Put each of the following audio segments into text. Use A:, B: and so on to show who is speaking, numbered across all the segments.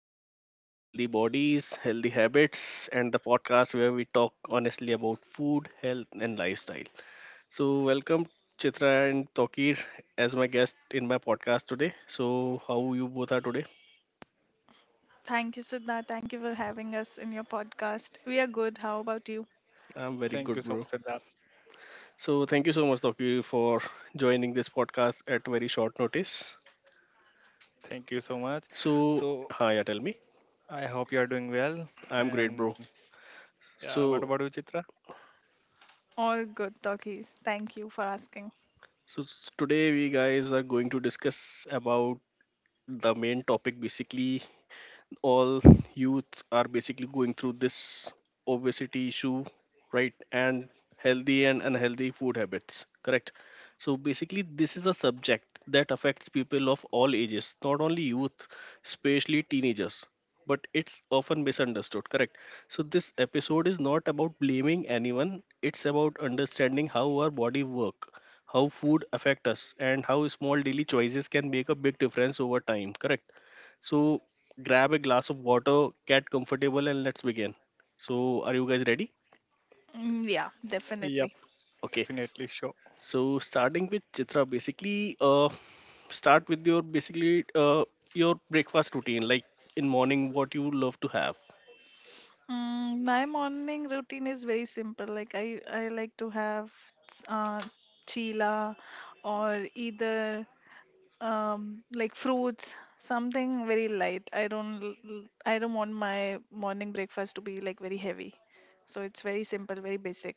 A: welcome to Healthy Bodies, Healthy Habits, and the podcast where we talk honestly about food, health, and lifestyle. So, welcome Chitra and Tokir as my guest in my podcast today. So, how you both are today?
B: Thank you, Siddha. Thank you for having us in your podcast. We are good. How about you?
A: I'm very good,
C: Thank
A: bro.
C: you so much, Siddharth.
A: So, thank you so much, Tokir, for joining this podcast at very short notice.
C: Thank you so much.
A: So,
C: So
A: hi, yeah, tell me.
C: I hope you are doing well.
A: I'm great, bro.
C: And yeah, what
A: So,
C: about you, Chitra?
B: All good, Toki. Thank you for asking.
A: Today we guys are going to discuss about the main topic, basically all youths are basically going through this obesity issue, right? And healthy and unhealthy food habits, correct? So basically, this is a subject that affects people of all ages, not only youth, especially teenagers, but it's often misunderstood, correct? So this episode is not about blaming anyone. It's about understanding how our body work, how food affect us, and how small daily choices can make a big difference over time, correct? So grab a glass of water, get comfortable, and let's begin. So, are you guys ready?
B: Yeah,
C: Yep,
B: Definitely.
A: Okay.
C: definitely sure.
A: So, starting with Chitra, basically, start with your basically your breakfast routine, like in morning, what you love to have.
B: Mm, my morning routine is very simple. Like I like to have uh, chila, or either like fruits, something very light. I don't want my morning breakfast to be like very heavy. So it's very simple, very basic.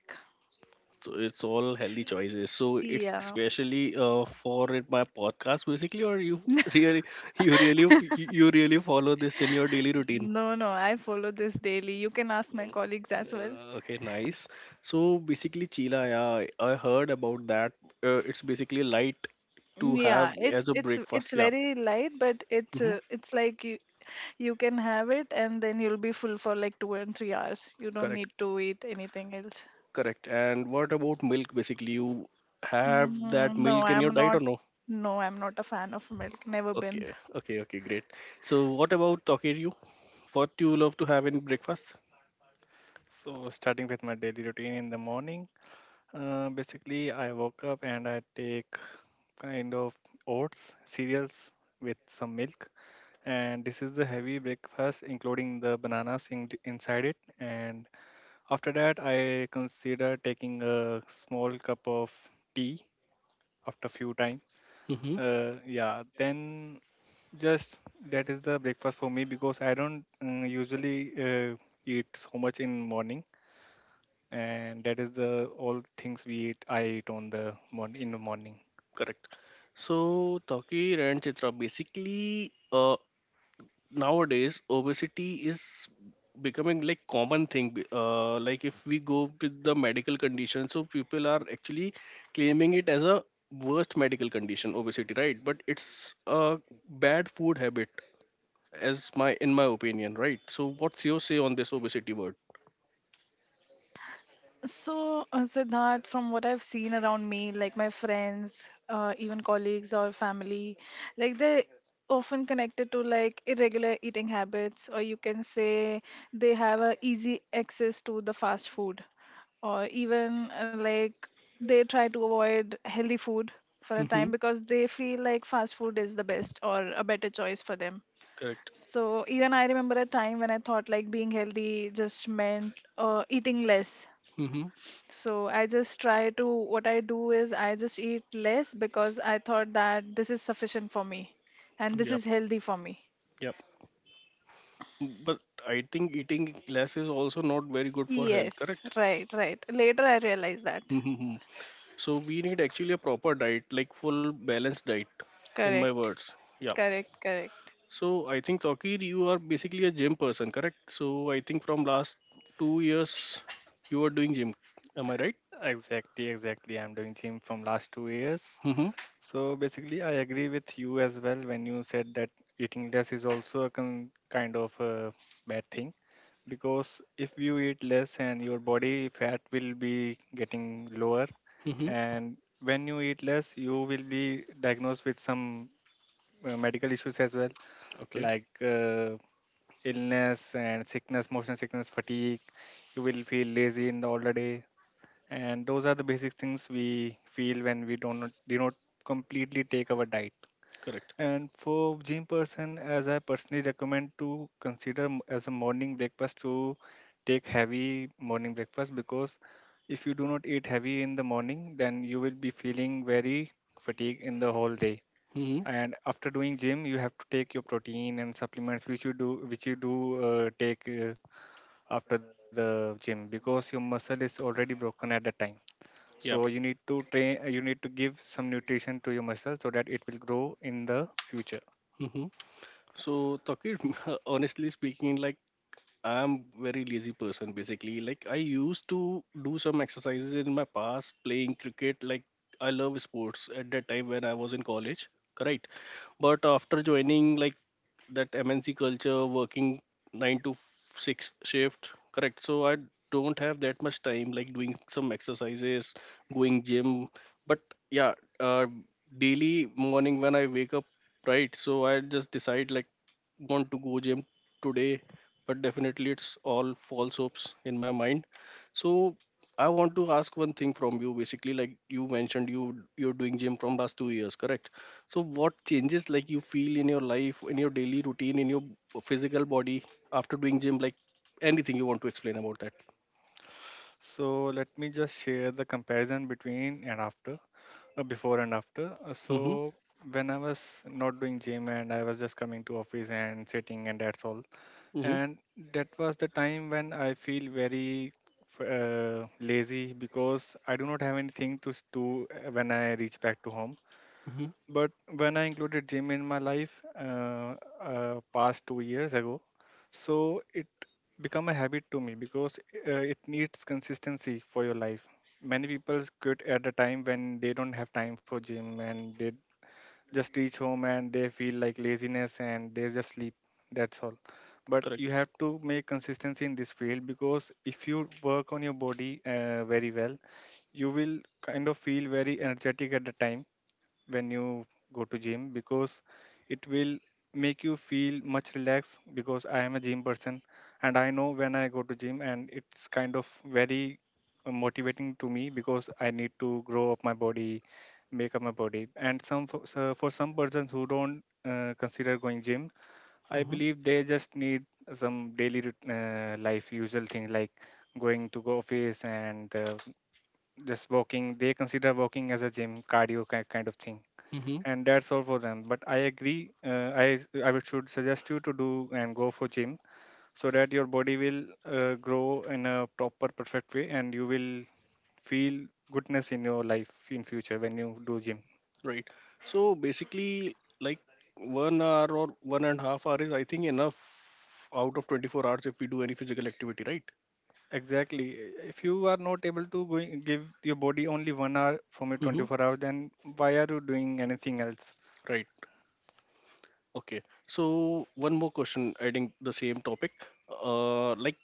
A: So it's all healthy choices. So it's
B: Yeah.
A: especially for it, my podcast, basically, or you really, you really follow this in your daily routine.
B: No, no, I follow this daily. You can ask my colleagues as well.
A: Okay, nice. So basically, chila, yeah, I heard about that. It's basically light to have
B: Yeah, it's
A: as a
B: it's it's
A: breakfast. Yeah,
B: very light, but it's
A: hmm,
B: uh, it's like you can have it, and then you'll be full for like 2 and 3 hours. You don't
A: correct,
B: need to eat anything else.
A: correct. And what about milk? Basically, you have that
B: No,
A: milk in your
B: I'm
A: diet
B: not.
A: or no?
B: No, I'm not a fan of milk. Never been.
A: Okay, okay, okay, great. So what about Tokiryu? What do you love to have in breakfast?
C: So starting with my daily routine in the morning, basically I woke up and I take kind of oats, cereals with some milk, and this is the heavy breakfast, including the bananas inside it. And after that, I consider taking a small cup of tea after few time.
A: Mm-hmm.
C: Yeah, then just that is the breakfast for me because I don't usually uh, eat so much in morning, and that is the all things we eat. I eat on the morn in the morning.
A: Correct. So Tokir and Chitra, basically, nowadays obesity is becoming like common thing like if we go with the medical condition, so people are actually claiming it as a worst medical condition, obesity, right? But it's a bad food habit, as my in my opinion, right? So what's your say on this obesity word?
B: So, Siddharth, from what I've seen around me, like my friends, even colleagues or family, like they're often connected to like irregular eating habits, or you can say they have a easy access to the fast food, or even like they try to avoid healthy food for a
A: Mm-hmm.
B: time because they feel like fast food is the best or a better choice for them.
A: Correct.
B: So even I remember a time when I thought like being healthy just meant eating less,
A: Mm-hmm.
B: so I just try to, what I do is I just eat less because I thought that this is sufficient for me and this
A: Yep.
B: is healthy for me.
A: Yep. But I think eating less is also not very good for health,
B: Yes,
A: correct?
B: right, right. Later I realized that.
A: Mhm. So we need actually a proper diet, like full balanced diet, in my
B: Correct,
A: words. Yeah.
B: correct, correct.
A: So I think Tokir, you are basically a gym person, correct? So I think from last 2 years you are doing gym. Am I right?
C: Exactly, exactly. I'm doing gym from last 2 years.
A: Mm-hmm.
C: So basically, I agree with you as well when you said that eating less is also a kind of a bad thing because if you eat less and your body fat will be getting lower,
A: Mm-hmm.
C: and when you eat less you will be diagnosed with some medical issues as well,
A: Okay.
C: like illness and sickness, motion sickness, fatigue. You will feel lazy in the older day, and those are the basic things we feel when we don't do not completely take our diet.
A: Correct.
C: And for gym person, as I personally recommend to consider as a morning breakfast to take heavy morning breakfast, because if you do not eat heavy in the morning, then you will be feeling very fatigued in the whole day.
A: Mm-hmm.
C: And after doing gym, you have to take your protein and supplements, which you do, take after the gym because your muscle is already broken at that time. So you
A: Yep.
C: need to train, you need to give some nutrition to your muscle so that it will grow in the future.
A: Mm-hmm. So Tokir, honestly speaking, like I'm very lazy person basically. Like I used to do some exercises in my past playing cricket. Like I love sports at that time when I was in college, correct? But after joining like that MNC culture, working nine to six shift, correct? So I don't have that much time like doing some exercises, going gym. But yeah, daily morning when I wake up, right? So I just decide like want to go gym today, but definitely it's all false hopes in my mind. So I want to ask one thing from you, basically, like you mentioned you're doing gym from last 2 years, correct? So what changes like you feel in your life, in your daily routine, in your physical body after doing gym, like anything you want to explain about that?
C: So let me just share the comparison between and after, before and after.
A: Mhm.
C: So when I was not doing gym and I was just coming to office and sitting, and that's all.
A: Mhm.
C: And that was the time when I feel very lazy because I do not have anything to do when I reach back to home.
A: Mhm.
C: But when I included gym in my life, past 2 years ago, so it become a habit to me because it needs consistency for your life. Many people quit at the time when they don't have time for gym, and they just reach home and they feel like laziness and they just sleep. That's all. But
A: Correct.
C: you have to make consistency in this field, because if you work on your body very well, you will kind of feel very energetic at the time when you go to gym, because it will make you feel much relaxed. Because I am a gym person and I know when I go to gym, and it's kind of very motivating to me because I need to grow up my body, make up my body. And so for some persons who don't consider going gym, I
A: Mhm.
C: believe they just need some daily life usual thing like going to go office and just walking. They consider walking as a gym cardio kind of thing,
A: Mhm.
C: and that's all for them. But I agree, I would should suggest you to do and go for gym so that your body will grow in a proper perfect way, and you will feel goodness in your life in future when you do gym.
A: Right. So basically, like 1 hour or 1.5 hours is, I think, enough out of 24 hours if we do any physical activity, right?
C: Exactly. If you are not able to going, give your body only 1 hour from your
A: Mm-hmm.
C: 24 hours, then why are you doing anything else?
A: Right. Okay. So one more question, adding the same topic. Like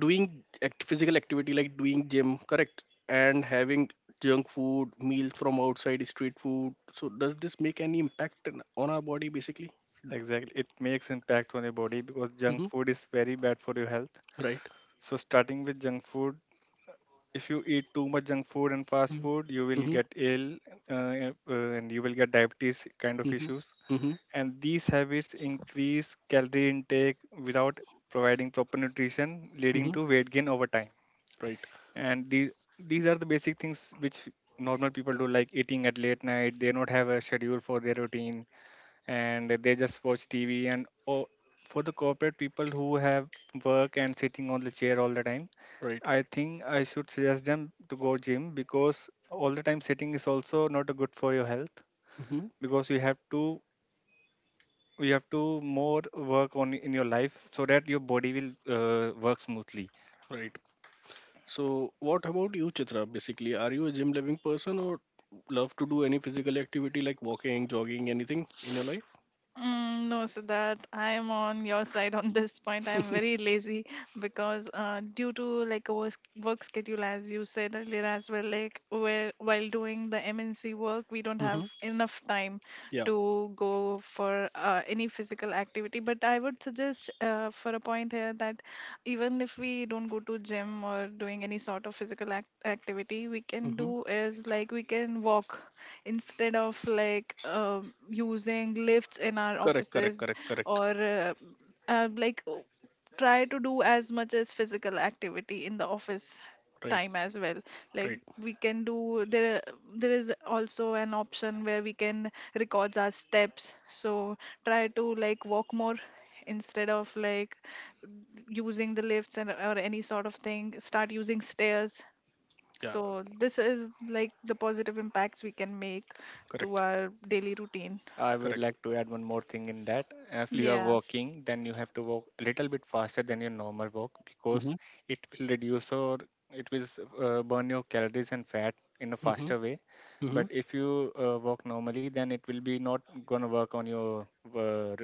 A: physical activity, like doing gym, correct? And having junk food, meals from outside, street food. So does this make any impact on our body, basically?
C: Exactly, it makes impact on your body because
A: Mm-hmm.
C: junk food is very bad for your health.
A: Right.
C: So starting with junk food, if you eat too much junk food and fast food, you will
A: Mm-hmm.
C: get ill, and you will get diabetes kind of
A: Mhm.
C: issues.
A: Mhm.
C: And these habits increase calorie intake without providing proper nutrition, leading
A: Mhm.
C: to weight gain over time.
A: Right.
C: And these are the basic things which normal people do, like eating at late night. They not have a schedule for their routine, and they just watch TV. And oh, for the corporate people who have work and sitting on the chair all the time,
A: Right.
C: I think I should suggest them to go gym because all the time sitting is also not a good for your health.
A: Mhm.
C: Because you have to, more work on in your life so that your body will work smoothly.
A: Right. So, what about you, Chitra? Basically, are you a gym loving person or love to do any physical activity like walking, jogging, anything in your life?
B: No, Siddharth, I am on your side on this point. I am very lazy, because due to like a work, work schedule, as you said earlier as well, like where while doing the MNC work, we don't have
A: Hmm.
B: enough time
A: Yeah.
B: to go for any physical activity. But I would suggest for a point here that even if we don't go to gym or doing any sort of activity, we can
A: Hmm.
B: do is like we can walk instead of like using lifts in our
A: Correct. Correct.
B: offices,
A: Correct. Correct.
B: or like try to do as much as physical activity in the office
A: Right.
B: time as well. Like
A: Right.
B: we can do there, there is also an option where we can record our steps, so try to like walk more instead of like using the lifts, and or any sort of thing, start using stairs.
A: Yeah.
B: So this is like the positive impacts we can make to
A: Correct.
B: our daily routine.
C: I would
A: Correct.
C: like to add one more thing in that. If you
A: Please.
C: are
B: Yeah.
C: walking, then you have to walk a little bit faster than your normal walk,
A: Mm-hmm.
C: because it will reduce or it will burn your calories and fat in a
A: Mm-hmm.
C: faster way.
A: Mm-hmm.
C: But if you walk normally, then it will be not gonna work on your uh, r-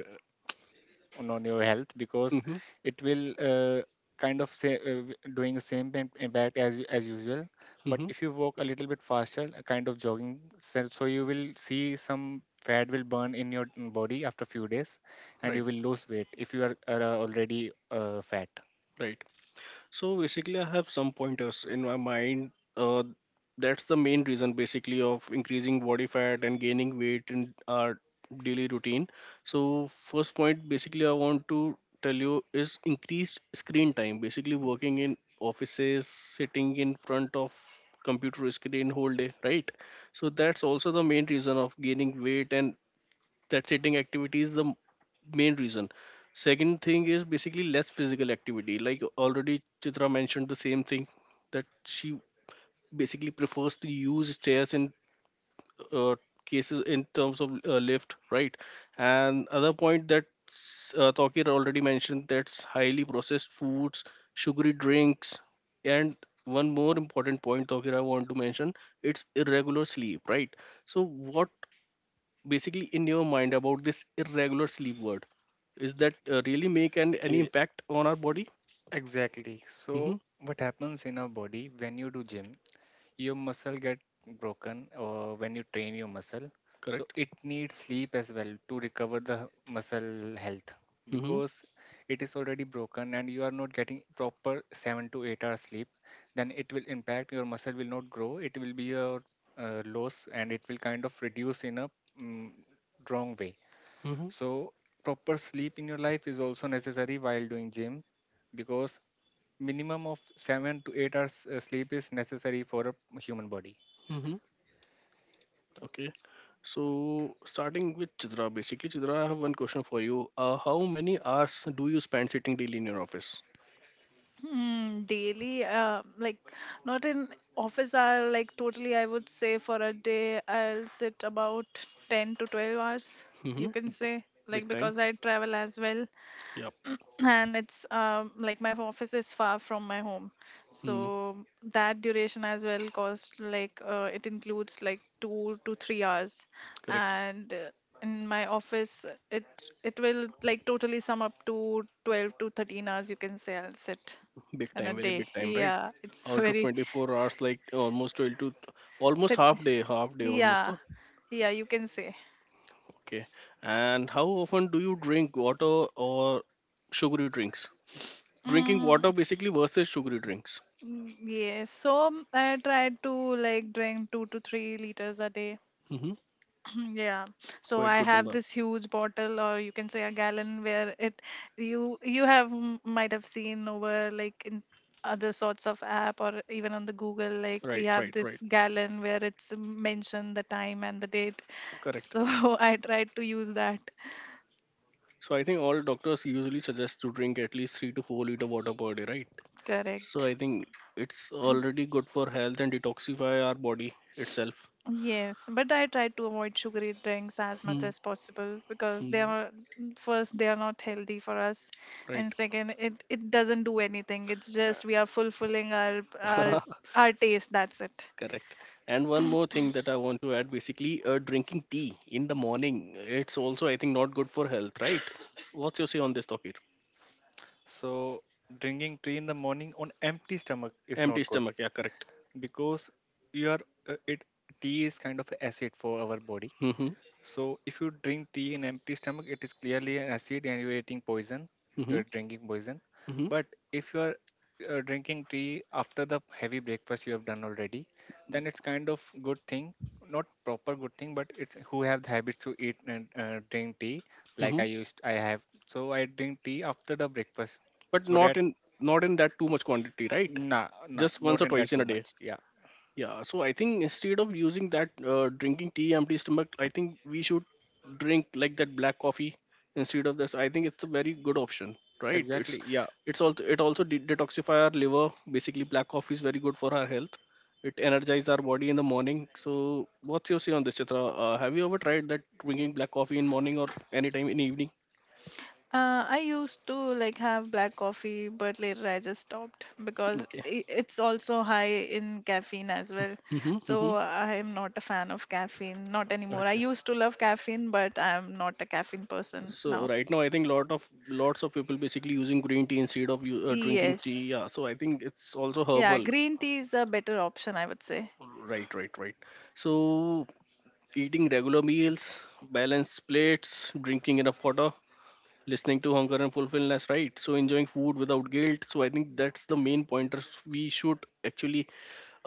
C: on your health, because
A: Mm-hmm.
C: it will kind of say, doing same impact as as usual. But
A: Mm-hmm.
C: if you walk a little bit faster, a kind of jogging, so you will see some fat will burn in your body after few days, and
A: Right.
C: you will lose weight if you are already fat.
A: Right. So basically, I have some pointers in my mind. Uh, that's the main reason, basically, of increasing body fat and gaining weight in our daily routine. So first point, basically, I want to tell you is increased screen time. Basically, working in offices, sitting in front of computer screen whole day, right? So that's also the main reason of gaining weight, and that sitting activity is main reason. Second thing is basically less physical activity, like already Chitra mentioned the same thing, that she basically prefers to use stairs in uh, cases in terms of lift, right? And other point that Tawkir already mentioned, that's highly processed foods, sugary drinks, and one more important point, Tawkir, I want to mention, it's irregular sleep, right? So what basically in your mind about this irregular sleep word, is that really make any
C: E-
A: impact on our body?
C: Exactly. Exactly.
A: Mm-hmm.
C: So what happens in our body when you do gym? Your muscle get broken when you train your muscle, so
A: Correct.
C: it needs sleep as well to recover the muscle health,
A: Mm-hmm.
C: because it is already broken and you are not getting proper 7 to 8 hours sleep. Then it will impact, your muscle will not grow, it will be a loss, and it will kind of reduce in a mm, wrong way.
A: Mm-hmm.
C: So proper sleep in your life is also necessary while doing gym, because minimum of 7 to 8 hours sleep is necessary for a human body.
A: Mm-hmm. Okay. So starting with Chitra, basically, Chitra, I have one question for you. How many hours do you spend sitting daily in your office?
B: Hmm, daily, like not in office hour, like totally, I would say for a day, I'll sit about 10 to 12 hours, you
A: Mm-hmm.
B: can say,
A: Big
B: like
A: time.
B: because I travel as well.
A: Yeah.
B: And it's like my office is far from my home,
A: Mm,
B: so that duration as well cost like it includes like 2 to 3 hours.
A: correct.
B: And in my office, it it will like totally sum up to 12 to 13 hours, you can say, I'll sit
A: Big
B: in a
A: time, very
B: day.
A: big time, right?
B: Yeah, it's
A: Out of
B: very
A: 24 hours, like almost 12 to almost
B: that,
A: half day, half day almost,
B: yeah,
A: huh?
B: yeah, you can say.
A: Okay. And how often do you drink water or sugary drinks? Drinking
B: Mm,
A: water basically versus sugary drinks.
B: yes, so I try to like drink 2 to 3 liters a day.
A: Mm-hmm.
B: Yeah. So
A: Quite
B: I
A: good
B: have
A: number.
B: this huge bottle, or you can say a gallon, where it you might have seen over like in other sorts of app, or even on the Google, like we
A: Right,
B: have
A: right, right.
B: this gallon where it's mentioned the time and the date.
A: Correct.
B: So I tried to use that.
A: So I think all doctors usually suggest to drink at least 3 to 4 liter water per day, right? So
B: Correct.
A: I think it's already good for health and detoxify our body itself.
B: Yes, but I try to avoid sugary drinks as much
A: Hmm.
B: as possible because they
A: Hmm.
B: are, first they are not healthy for us, and second it doesn't do
A: Right.
B: anything. It's just we are fulfilling our our taste. That's it.
A: Correct. And one more thing that I want to add, basically, drinking tea in the morning, it's also, I think, not good for health, right? What's your say on this, Tokir?
C: So drinking tea in the morning on empty stomach is
A: Empty
C: not good
A: stomach, yeah, correct.
C: because you are it tea is kind of acid for our body.
A: Mm-hmm.
C: So if you drink tea in empty stomach, it is clearly an acid and you're eating poison.
A: Mm-hmm.
C: You're drinking poison.
A: Mm-hmm.
C: But if you are drinking tea after the heavy breakfast you have done already, then it's kind of good thing. Not proper good thing, but it's who have the habit to eat and drink tea, like
A: Mm-hmm.
C: I have. So I drink tea after the breakfast
A: But
C: so
A: not
C: that—
A: in, not in that too much quantity, right?
C: Nah, nah,
A: Just once
C: not
A: or
C: in
A: twice
C: that
A: in a
C: too
A: day.
C: much. Yeah,
A: Yeah, so I think instead of using that drinking tea empty stomach, I think we should drink like that black coffee instead of this. I think it's a very good option, right?
C: exactly. Yeah.
A: It's also, it also detoxify our liver. Basically, black coffee is very good for our health. It energizes our body in the morning. So, what's your say on this, Chitra? Have you ever tried that drinking black coffee in morning or anytime in evening?
B: I used to like have black coffee, but later I just stopped because
A: Okay.
B: it's also high in caffeine as well.
A: Mm-hmm, mm-hmm.
B: So I am not a fan of caffeine, not anymore. I
A: Okay.
B: used to love caffeine, but I'm not a caffeine person
A: So
B: now.
A: right now, I think lot of lots of people basically using green tea instead of drinking tea.
B: Yes.
A: Yeah, so I think it's also
B: Yeah,
A: herbal.
B: green tea is a better option, I would say.
A: Right, right, right. So eating regular meals, balanced plates, drinking enough water, listening to hunger and fulfillment. Right. So enjoying food without guilt. So I think that's the main pointers we should actually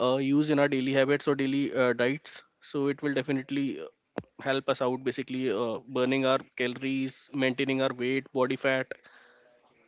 A: use in our daily habits or daily diets. So it will definitely help us out basically burning our calories, maintaining our weight, body fat,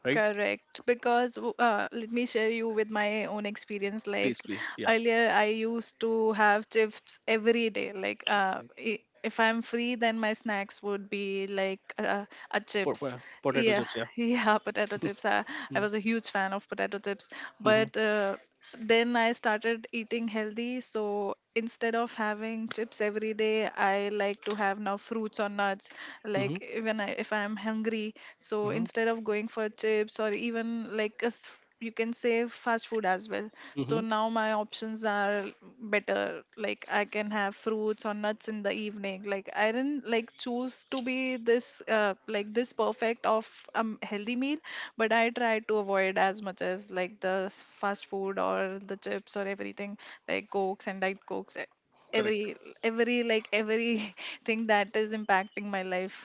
A: right?
B: Correct. Because let me share you with my own experience.
A: Please,
B: Like,
A: please. Yeah.
B: earlier, I used to have chips every day. Like, if I'm free, then my snacks would be like a chips.
A: Potato
B: Yeah,
A: chips.
B: yeah, potato
A: Yeah.
B: chips. I was a huge fan of potato chips. But then I started eating healthy. So instead of having chips every day, I like to have now fruits or nuts.
A: Mm,
B: Like
A: mhm.
B: when I if I'm hungry, so
A: Mhm.
B: instead of going for chips, or even like a you can say fast food as well.
A: Mhm.
B: So
A: Mhm.
B: now my options are better. Like I can have fruits or nuts in the evening. Like I didn't like choose to be this like this perfect of a healthy meal, but I try to avoid as much as like the fast food or the chips or everything, like cokes and diet cokes,
A: Correct.
B: every every like every thing that is impacting my life.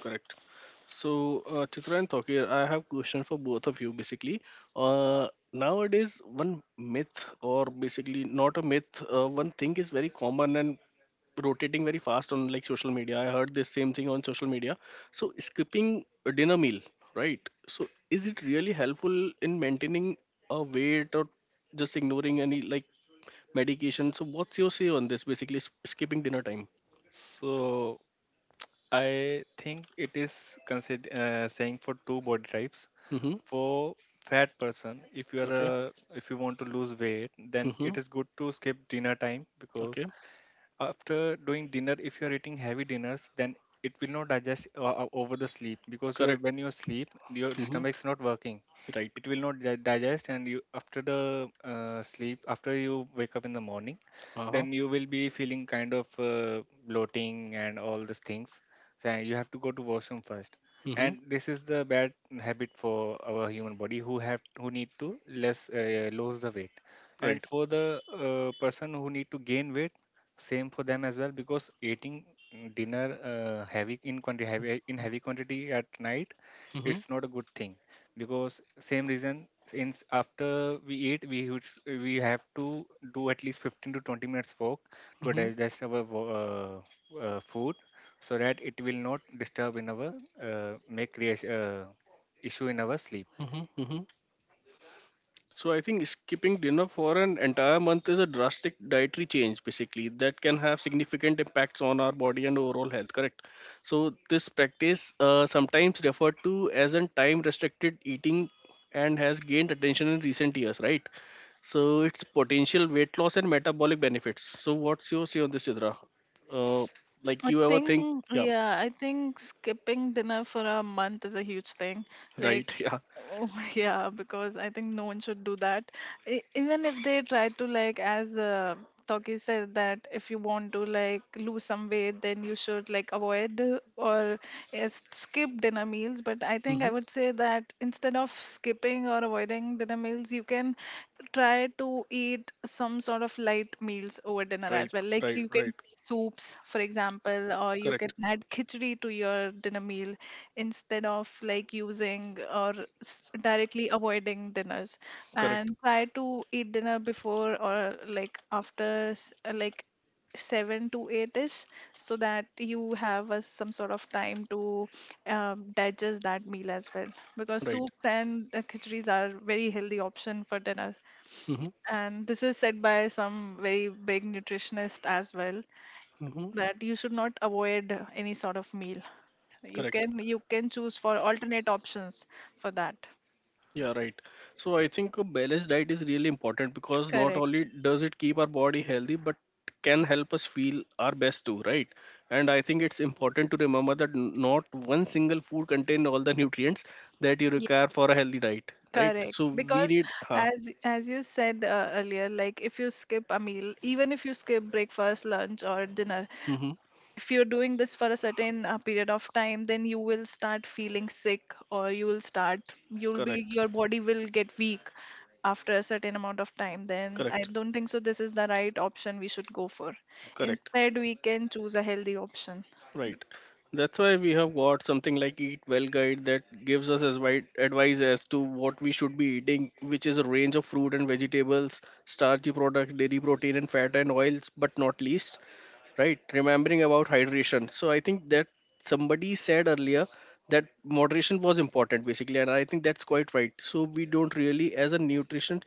A: Correct. So, Chitra and Tokir, I have question for both of you. Basically, nowadays one myth, or basically not a myth, one thing is very common and rotating very fast on like social media. I heard this same thing on social media. So, skipping a dinner meal, right? So, is it really helpful in maintaining a weight or just ignoring any like medication? So, what's your say on this? Basically, skipping dinner time.
C: So I think it is consider saying for two body types.
A: Mm-hmm.
C: For fat person, if you are
A: Okay.
C: a, if you want to lose weight, then
A: Mm-hmm.
C: it is good to skip dinner time.
A: Okay.
C: Because after doing dinner, if you are eating heavy dinners, then it will not digest over the sleep, because you're—
A: Correct.
C: when you sleep your
A: Mm-hmm.
C: stomach's not working,
A: Right.
C: it will not digest. And you after the sleep, after you wake up in the morning,
A: Uh-huh.
C: then you will be feeling kind of bloating and all these things, so you have to go to washroom first.
A: Mm-hmm.
C: And this is the bad habit for our human body who have, who need to less lose the weight. And
A: Right.
C: for the person who need to gain weight, same for them as well, because eating dinner heavy in quantity, heavy quantity at night,
A: Mm-hmm.
C: it's not a good thing, because same reason. Since after we eat, we have to do at least 15 to 20 minutes walk to
A: Mm-hmm.
C: digest our food, so that it will not disturb in our make creation issue in our sleep.
A: Mm-hmm. Mm-hmm. So I think skipping dinner for an entire month is a drastic dietary change, basically, that can have significant impacts on our body and overall health, correct? So this practice, sometimes referred to as a time-restricted eating, and has gained attention in recent years, right? So its potential weight loss and metabolic benefits. So what's your say on this, Sidra? Uh, like
B: I
A: you ever think,
B: think,
A: yeah,
B: yeah, I think skipping dinner for a month is a huge thing.
A: right,
B: Like,
A: yeah.
B: oh, yeah, because I think no one should do that. Even if they try to, like, as Toki said, that if you want to, like, lose some weight, then you should, like, avoid or yes, skip dinner meals. But I think I would say that instead of skipping or avoiding dinner meals, you can try to eat some sort of light meals over dinner
A: Right,
B: as well. Like
A: right,
B: you
A: right.
B: can soups, for example, or you
A: Correct.
B: can add khichdi to your dinner meal, instead of like using or directly avoiding dinners.
A: Correct.
B: And try to eat dinner before or like after like 7 to 8 ish, so that you have a, some sort of time to digest that meal as well, because
A: Right.
B: soups and khichdis are very healthy option for dinner,
A: Mm-hmm.
B: and this is said by some very big nutritionist as well,
A: Mm-hmm.
B: that you should not avoid any sort of meal.
A: Correct.
B: You can choose for alternate options for that.
A: Yeah, right. So I think a balanced diet is really important, because not only
B: Correct.
A: does it keep our body healthy, but can help us feel our best too, right? And I think it's important to remember that not one single food contains all the nutrients that you
B: Yeah,
A: require for a healthy diet, right?
B: correct.
A: So we
B: Because
A: need, huh,
B: as you said earlier, like if you skip a meal, even if you skip breakfast, lunch, or dinner,
A: mm-hmm,
B: if you're doing this for a certain period of time, then you will start feeling sick, or you will start you'll be
A: correct,
B: your body will get weak after a certain amount of time. Then I
A: correct,
B: don't think so this is the right option we should go for.
A: correct.
B: Instead we can choose a healthy option.
A: Right. That's why we have got something like Eat Well Guide that gives us as wide advice as to what we should be eating, which is a range of fruit and vegetables, starchy products, dairy protein and fat and oils, but not least, right? Remembering about hydration. So I think that somebody said earlier that moderation was important basically, and I think that's quite right. So we don't really, as a nutrition,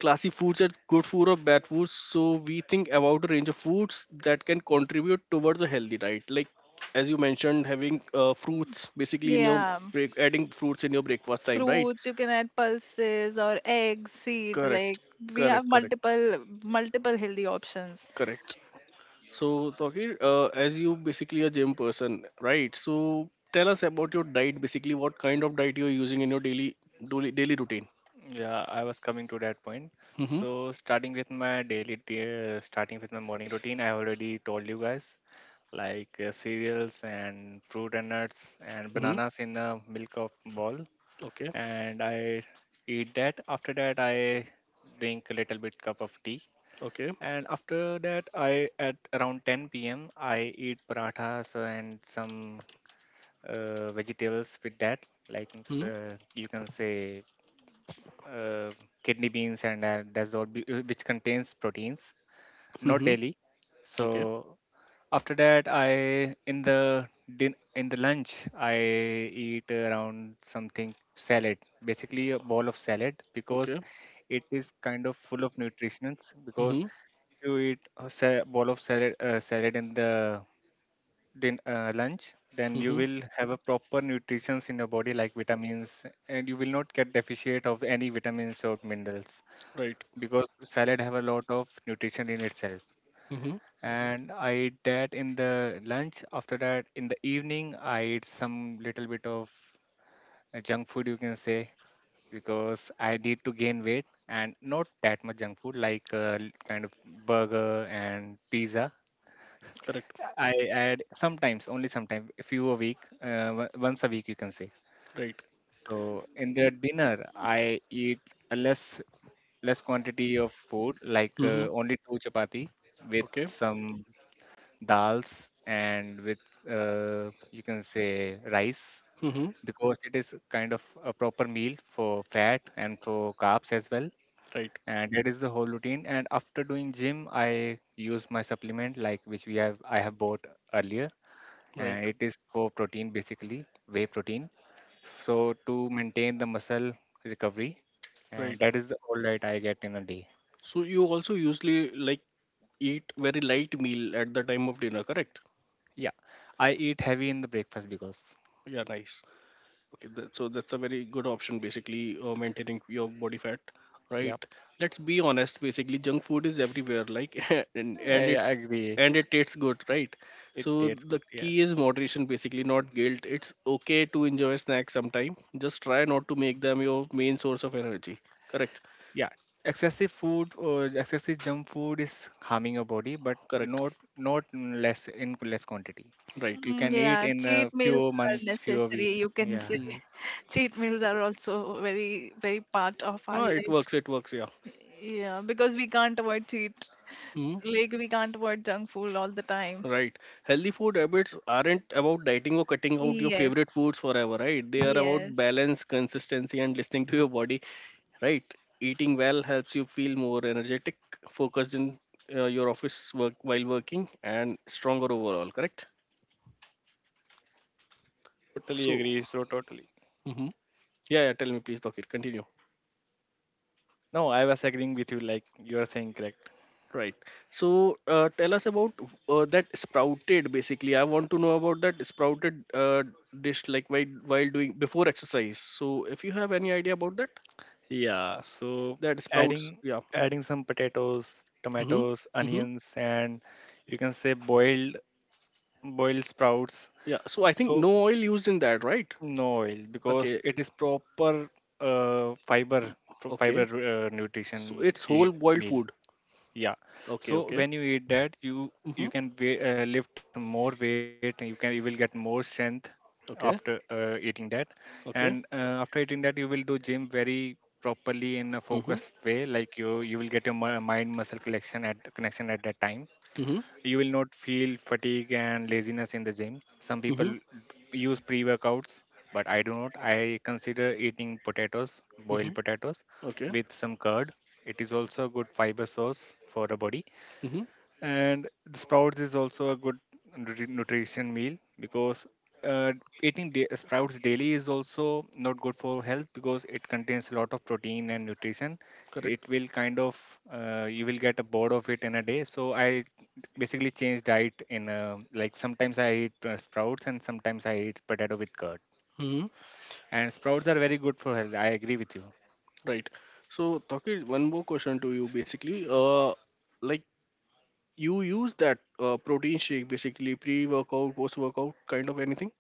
A: classy foods are good food or bad foods, so we think about a range of foods that can contribute towards a healthy diet, like as you mentioned, having fruits basically in your
B: Yeah,
A: break, adding fruits in your breakfast time, right?
B: fruits, you can add pulses or eggs, seeds, like
A: Correct,
B: we have
A: correct, correct,
B: multiple multiple healthy options.
A: correct. So Tokir, as you basically a gym person, right, so tell us about your diet, basically what kind of diet you're using in your daily daily routine.
C: Yeah, I was coming to that point.
A: Mm-hmm,
C: So starting with my daily, starting with my morning routine, I already told you guys, like cereals and fruit and nuts and
A: mm-hmm.
C: bananas in a milk of ball,
A: Okay,
C: and I eat that. After that, I drink a little bit cup of tea,
A: okay.
C: and after that, I at around 10 p.m. I eat parathas and some vegetables with that, like
A: Mm-hmm,
C: you can say uh, kidney beans and which contains proteins, not
A: mm-hmm.
C: daily. So
A: Okay,
C: after that, I in the din- in the lunch, I eat around something salad, basically a bowl of salad, because
A: okay.
C: it is kind of full of nutrients. Because
A: Mm-hmm,
C: you eat a bowl of salad, salad in the lunch, then you
A: mm-hmm.
C: will have a proper nutrients in your body like vitamins, and you will not get deficient of any vitamins or minerals
A: Right.
C: because salad have a lot of nutrition in itself.
A: Mm-hmm.
C: And I eat that in the lunch. After that, in the evening, I eat some little bit of junk food, you can say, because I need to gain weight. And not that much junk food, like kind of burger and pizza.
A: Correct.
C: I add sometimes, only sometimes, a few a week, once a week, you can say.
A: Right.
C: So in the dinner, I eat a less less quantity of food, like
A: Mm-hmm.
C: only two chapati with
A: Okay.
C: some dals and with you can say rice,
A: Mm-hmm.
C: because it is kind of a proper meal for fat and for carbs as well.
A: Right.
C: And that is the whole routine. And after doing gym, I use my supplement, like which we have I have bought earlier,
A: Right.
C: and it is for protein, basically, whey protein. So to maintain the muscle recovery, and
A: Right.
C: that is the whole diet I get in a day.
A: So you also usually like eat very light meal at the time of dinner, correct?
C: Yeah, I eat heavy in the breakfast because,
A: Yeah, nice. Okay, that, so that's a very good option basically maintaining your body fat, right?
C: yeah,
A: Let's be honest, basically junk food is everywhere, like and
C: I
A: it's
C: agree.
A: and it tastes good, right?
C: It
A: So
C: tastes good.
A: the
C: Yeah,
A: key is moderation, basically, not guilt. It's okay to enjoy snacks sometime. Just try not to make them your main source of energy. Correct,
C: yeah. Excessive food or excessive junk food is harming your body, but
A: correct,
C: not in less quantity.
A: right.
C: You can eat
B: Yeah,
C: in a
B: cheat meals
C: few
B: are
C: months, few
B: necessary,
C: week.
B: you can say.
C: Yeah,
A: Hmm.
B: Cheat meals are also very very part of our
A: Ah,
B: life,
A: it works, yeah.
B: yeah, because we can't avoid cheat,
A: Hmm.
B: like we can't avoid junk food all the time.
A: Right. Healthy food habits aren't about dieting or cutting out your
B: Yes,
A: favorite foods forever, right? They are about
B: yes.
A: balance, consistency, and listening to your body, right? Eating well helps you feel more energetic, focused in your office work while working, and stronger overall, correct?
C: totally
A: So,
C: agree. So totally.
A: hmm, yeah, yeah, tell me, please, Dokir, continue.
C: No, I was agreeing with you, like you are saying correct.
A: Right. So, tell us about that sprouted basically. I want to know about that sprouted dish, like while doing before exercise. So, if you have any idea about that.
C: Yeah. So
A: That sprouts.
C: adding
A: Yeah.
C: adding some potatoes,
A: Mm-hmm.
C: tomatoes,
A: Mm-hmm.
C: onions, and you can say boiled sprouts.
A: Yeah. So I think
C: So
A: no oil used in that, right?
C: no oil because
A: Okay.
C: it is proper fiber, fiber,
A: Okay. So
C: nutrition,
A: it's
C: e
A: whole boiled
C: meal.
A: food.
C: Yeah.
A: Okay.
C: So
A: Okay.
C: when you eat that, you
A: Mm-hmm.
C: you can we- uh, lift more weight. You will get more strength
A: Okay.
C: after eating that,
A: Okay.
C: and after eating that, you will do gym very properly, in a
A: Mm-hmm.
C: focused way. Like you will get your mind muscle connection at that time.
A: Mm-hmm.
C: You will not feel fatigue and laziness in the gym. Some
A: Mm-hmm.
C: people use pre workouts, but I do not. I consider eating potatoes,
A: Mm-hmm.
C: boiled potatoes,
A: Okay.
C: with some curd. It is also a good fiber source for the body.
A: Mm-hmm.
C: And sprouts is also a good nutrition meal, because uh, sprouts daily is also not good for health because it contains a lot of protein and nutrition. It
A: Correct.
C: will kind of, you will get a bored of it in a day. So I basically change diet in like sometimes I eat sprouts and sometimes I eat potato with curd.
A: Mm-hmm.
C: And sprouts are very good for health. I agree with you.
A: Right. So Taki, one more question to you. Basically, like you use that protein shake, basically pre-workout, post-workout, kind of anything.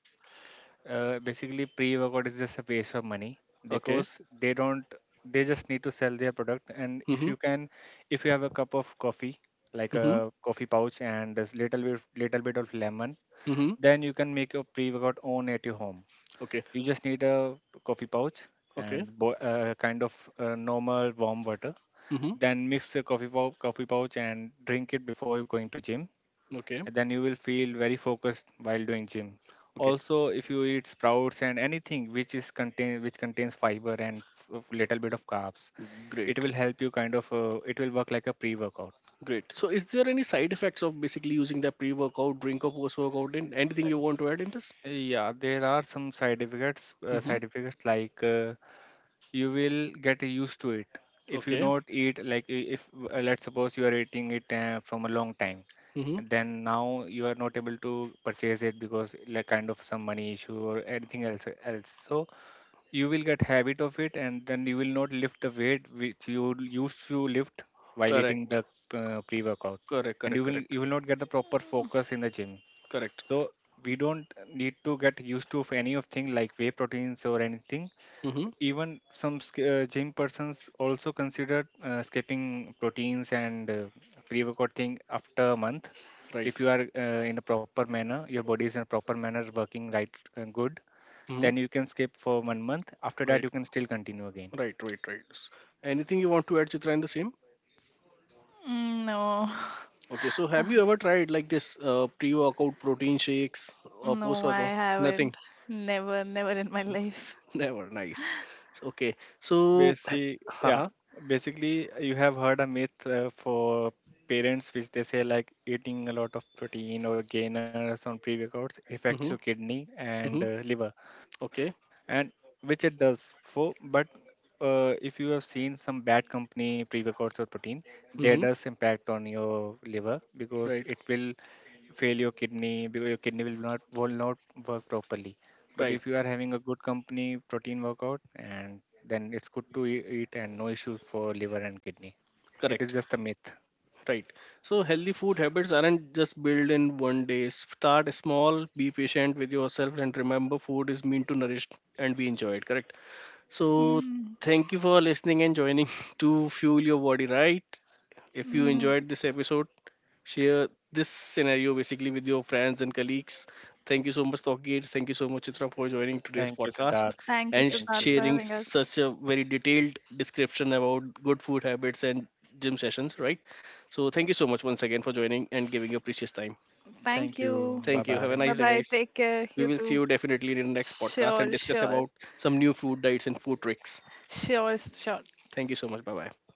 C: Basically pre-workout is just a waste of money
A: Okay.
C: because they don't they just need to sell their product. And if
A: Mm-hmm.
C: you can, if you have a cup of coffee, like a
A: Mm-hmm.
C: coffee pouch and a little bit of lemon,
A: Mm-hmm.
C: then you can make your pre-workout own at your home.
A: Okay.
C: You just need a coffee pouch
A: Okay. Okay.
C: and kind of normal warm water,
A: Mm-hmm.
C: then mix the coffee pouch and drink it before you're going to gym,
A: Okay.
C: and then you will feel very focused while doing gym.
A: Okay,
C: Also, if you eat sprouts and anything which is contain which contains fiber and little bit of carbs, it
A: great,
C: will help you, kind of, it will work like a pre-workout.
A: great. So, is there any side effects of basically using the pre-workout drink or post-workout? And anything you want to add in this?
C: Yeah, there are some side effects,
A: Mm-hmm.
C: like you will get used to it. If you
A: Okay.
C: not eat, like, I- if let's suppose you are eating it from a long time,
A: Mm-hmm.
C: and then now you are not able to purchase it because, like, kind of some money issue or anything else else. So you will get habit of it, and then you will not lift the weight which you used to lift while eating
A: Correct.
C: the pre workout,
A: Correct.
C: and
A: Correct. Correct.
C: you will not get the proper focus in the gym.
A: Correct.
C: So we don't need to get used to of any of thing like whey proteins or anything.
A: Mm-hmm.
C: Even some gym persons also consider skipping proteins and pre workout thing after a month,
A: Right.
C: if you are in a proper manner, your body is in a proper manner working right and good,
A: Mm-hmm.
C: then you can skip for one month. After that,
A: Right.
C: you can still continue again.
A: Right. Right. Right. Anything you want to add, Chitra, in the same?
B: No.
A: Okay. So,
B: Uh,
A: have you ever tried like this pre-workout protein shakes or
B: no, I
A: post-workout? Nothing.
B: haven't. Never, never in my life.
A: Never. Nice. So, okay. So, ha,
C: Basi yeah,
A: ha.
C: Basically you have heard a myth, for parents, which they say like eating a lot of protein or gainers on pre-workouts affects
A: Mm-hmm.
C: your kidney
A: Mm-hmm.
C: and liver,
A: Okay.
C: and which it does for. But if you have seen some bad company pre-workouts or protein, there
A: Mm-hmm.
C: does impact on your liver because
A: Right.
C: it will fail your kidney, because your kidney will not work properly. But
A: Right,
C: if you are having a good company protein workout, and then it's good to eat, and no issues for liver and kidney. It
A: correct,
C: is just a myth.
A: right. So healthy food habits aren't just built in one day. Start small, be patient with yourself, and remember, food is meant to nourish and be enjoyed, correct? So
B: Mm,
A: thank you for listening and joining to Fuel Your Body, right? If you
B: mm.
A: enjoyed this episode, share this scenario basically with your friends and colleagues. Thank you so much, Tokir. Thank you so much, Chitra, for joining today's
C: Thank you,
A: podcast
C: Siddharth.
B: Thank you,
A: and
C: Thank
B: Siddharth, for
C: you.
A: sharing
B: having us.
A: such a very detailed description about good food habits and gym sessions, right? So, thank you so much once again for joining and giving your precious time.
B: Thank
C: Thank
B: you.
C: you.
A: Thank
C: Bye
A: you. Have a
B: Bye
A: nice
C: bye.
A: day,
B: bye,
A: guys.
B: take care,
A: We
B: you
A: will see
B: too.
A: you definitely in the next podcast and
B: Sure,
A: discuss
B: sure.
A: about some new food diets and food tricks.
B: Sure, sure.
A: Thank you so much. Bye bye.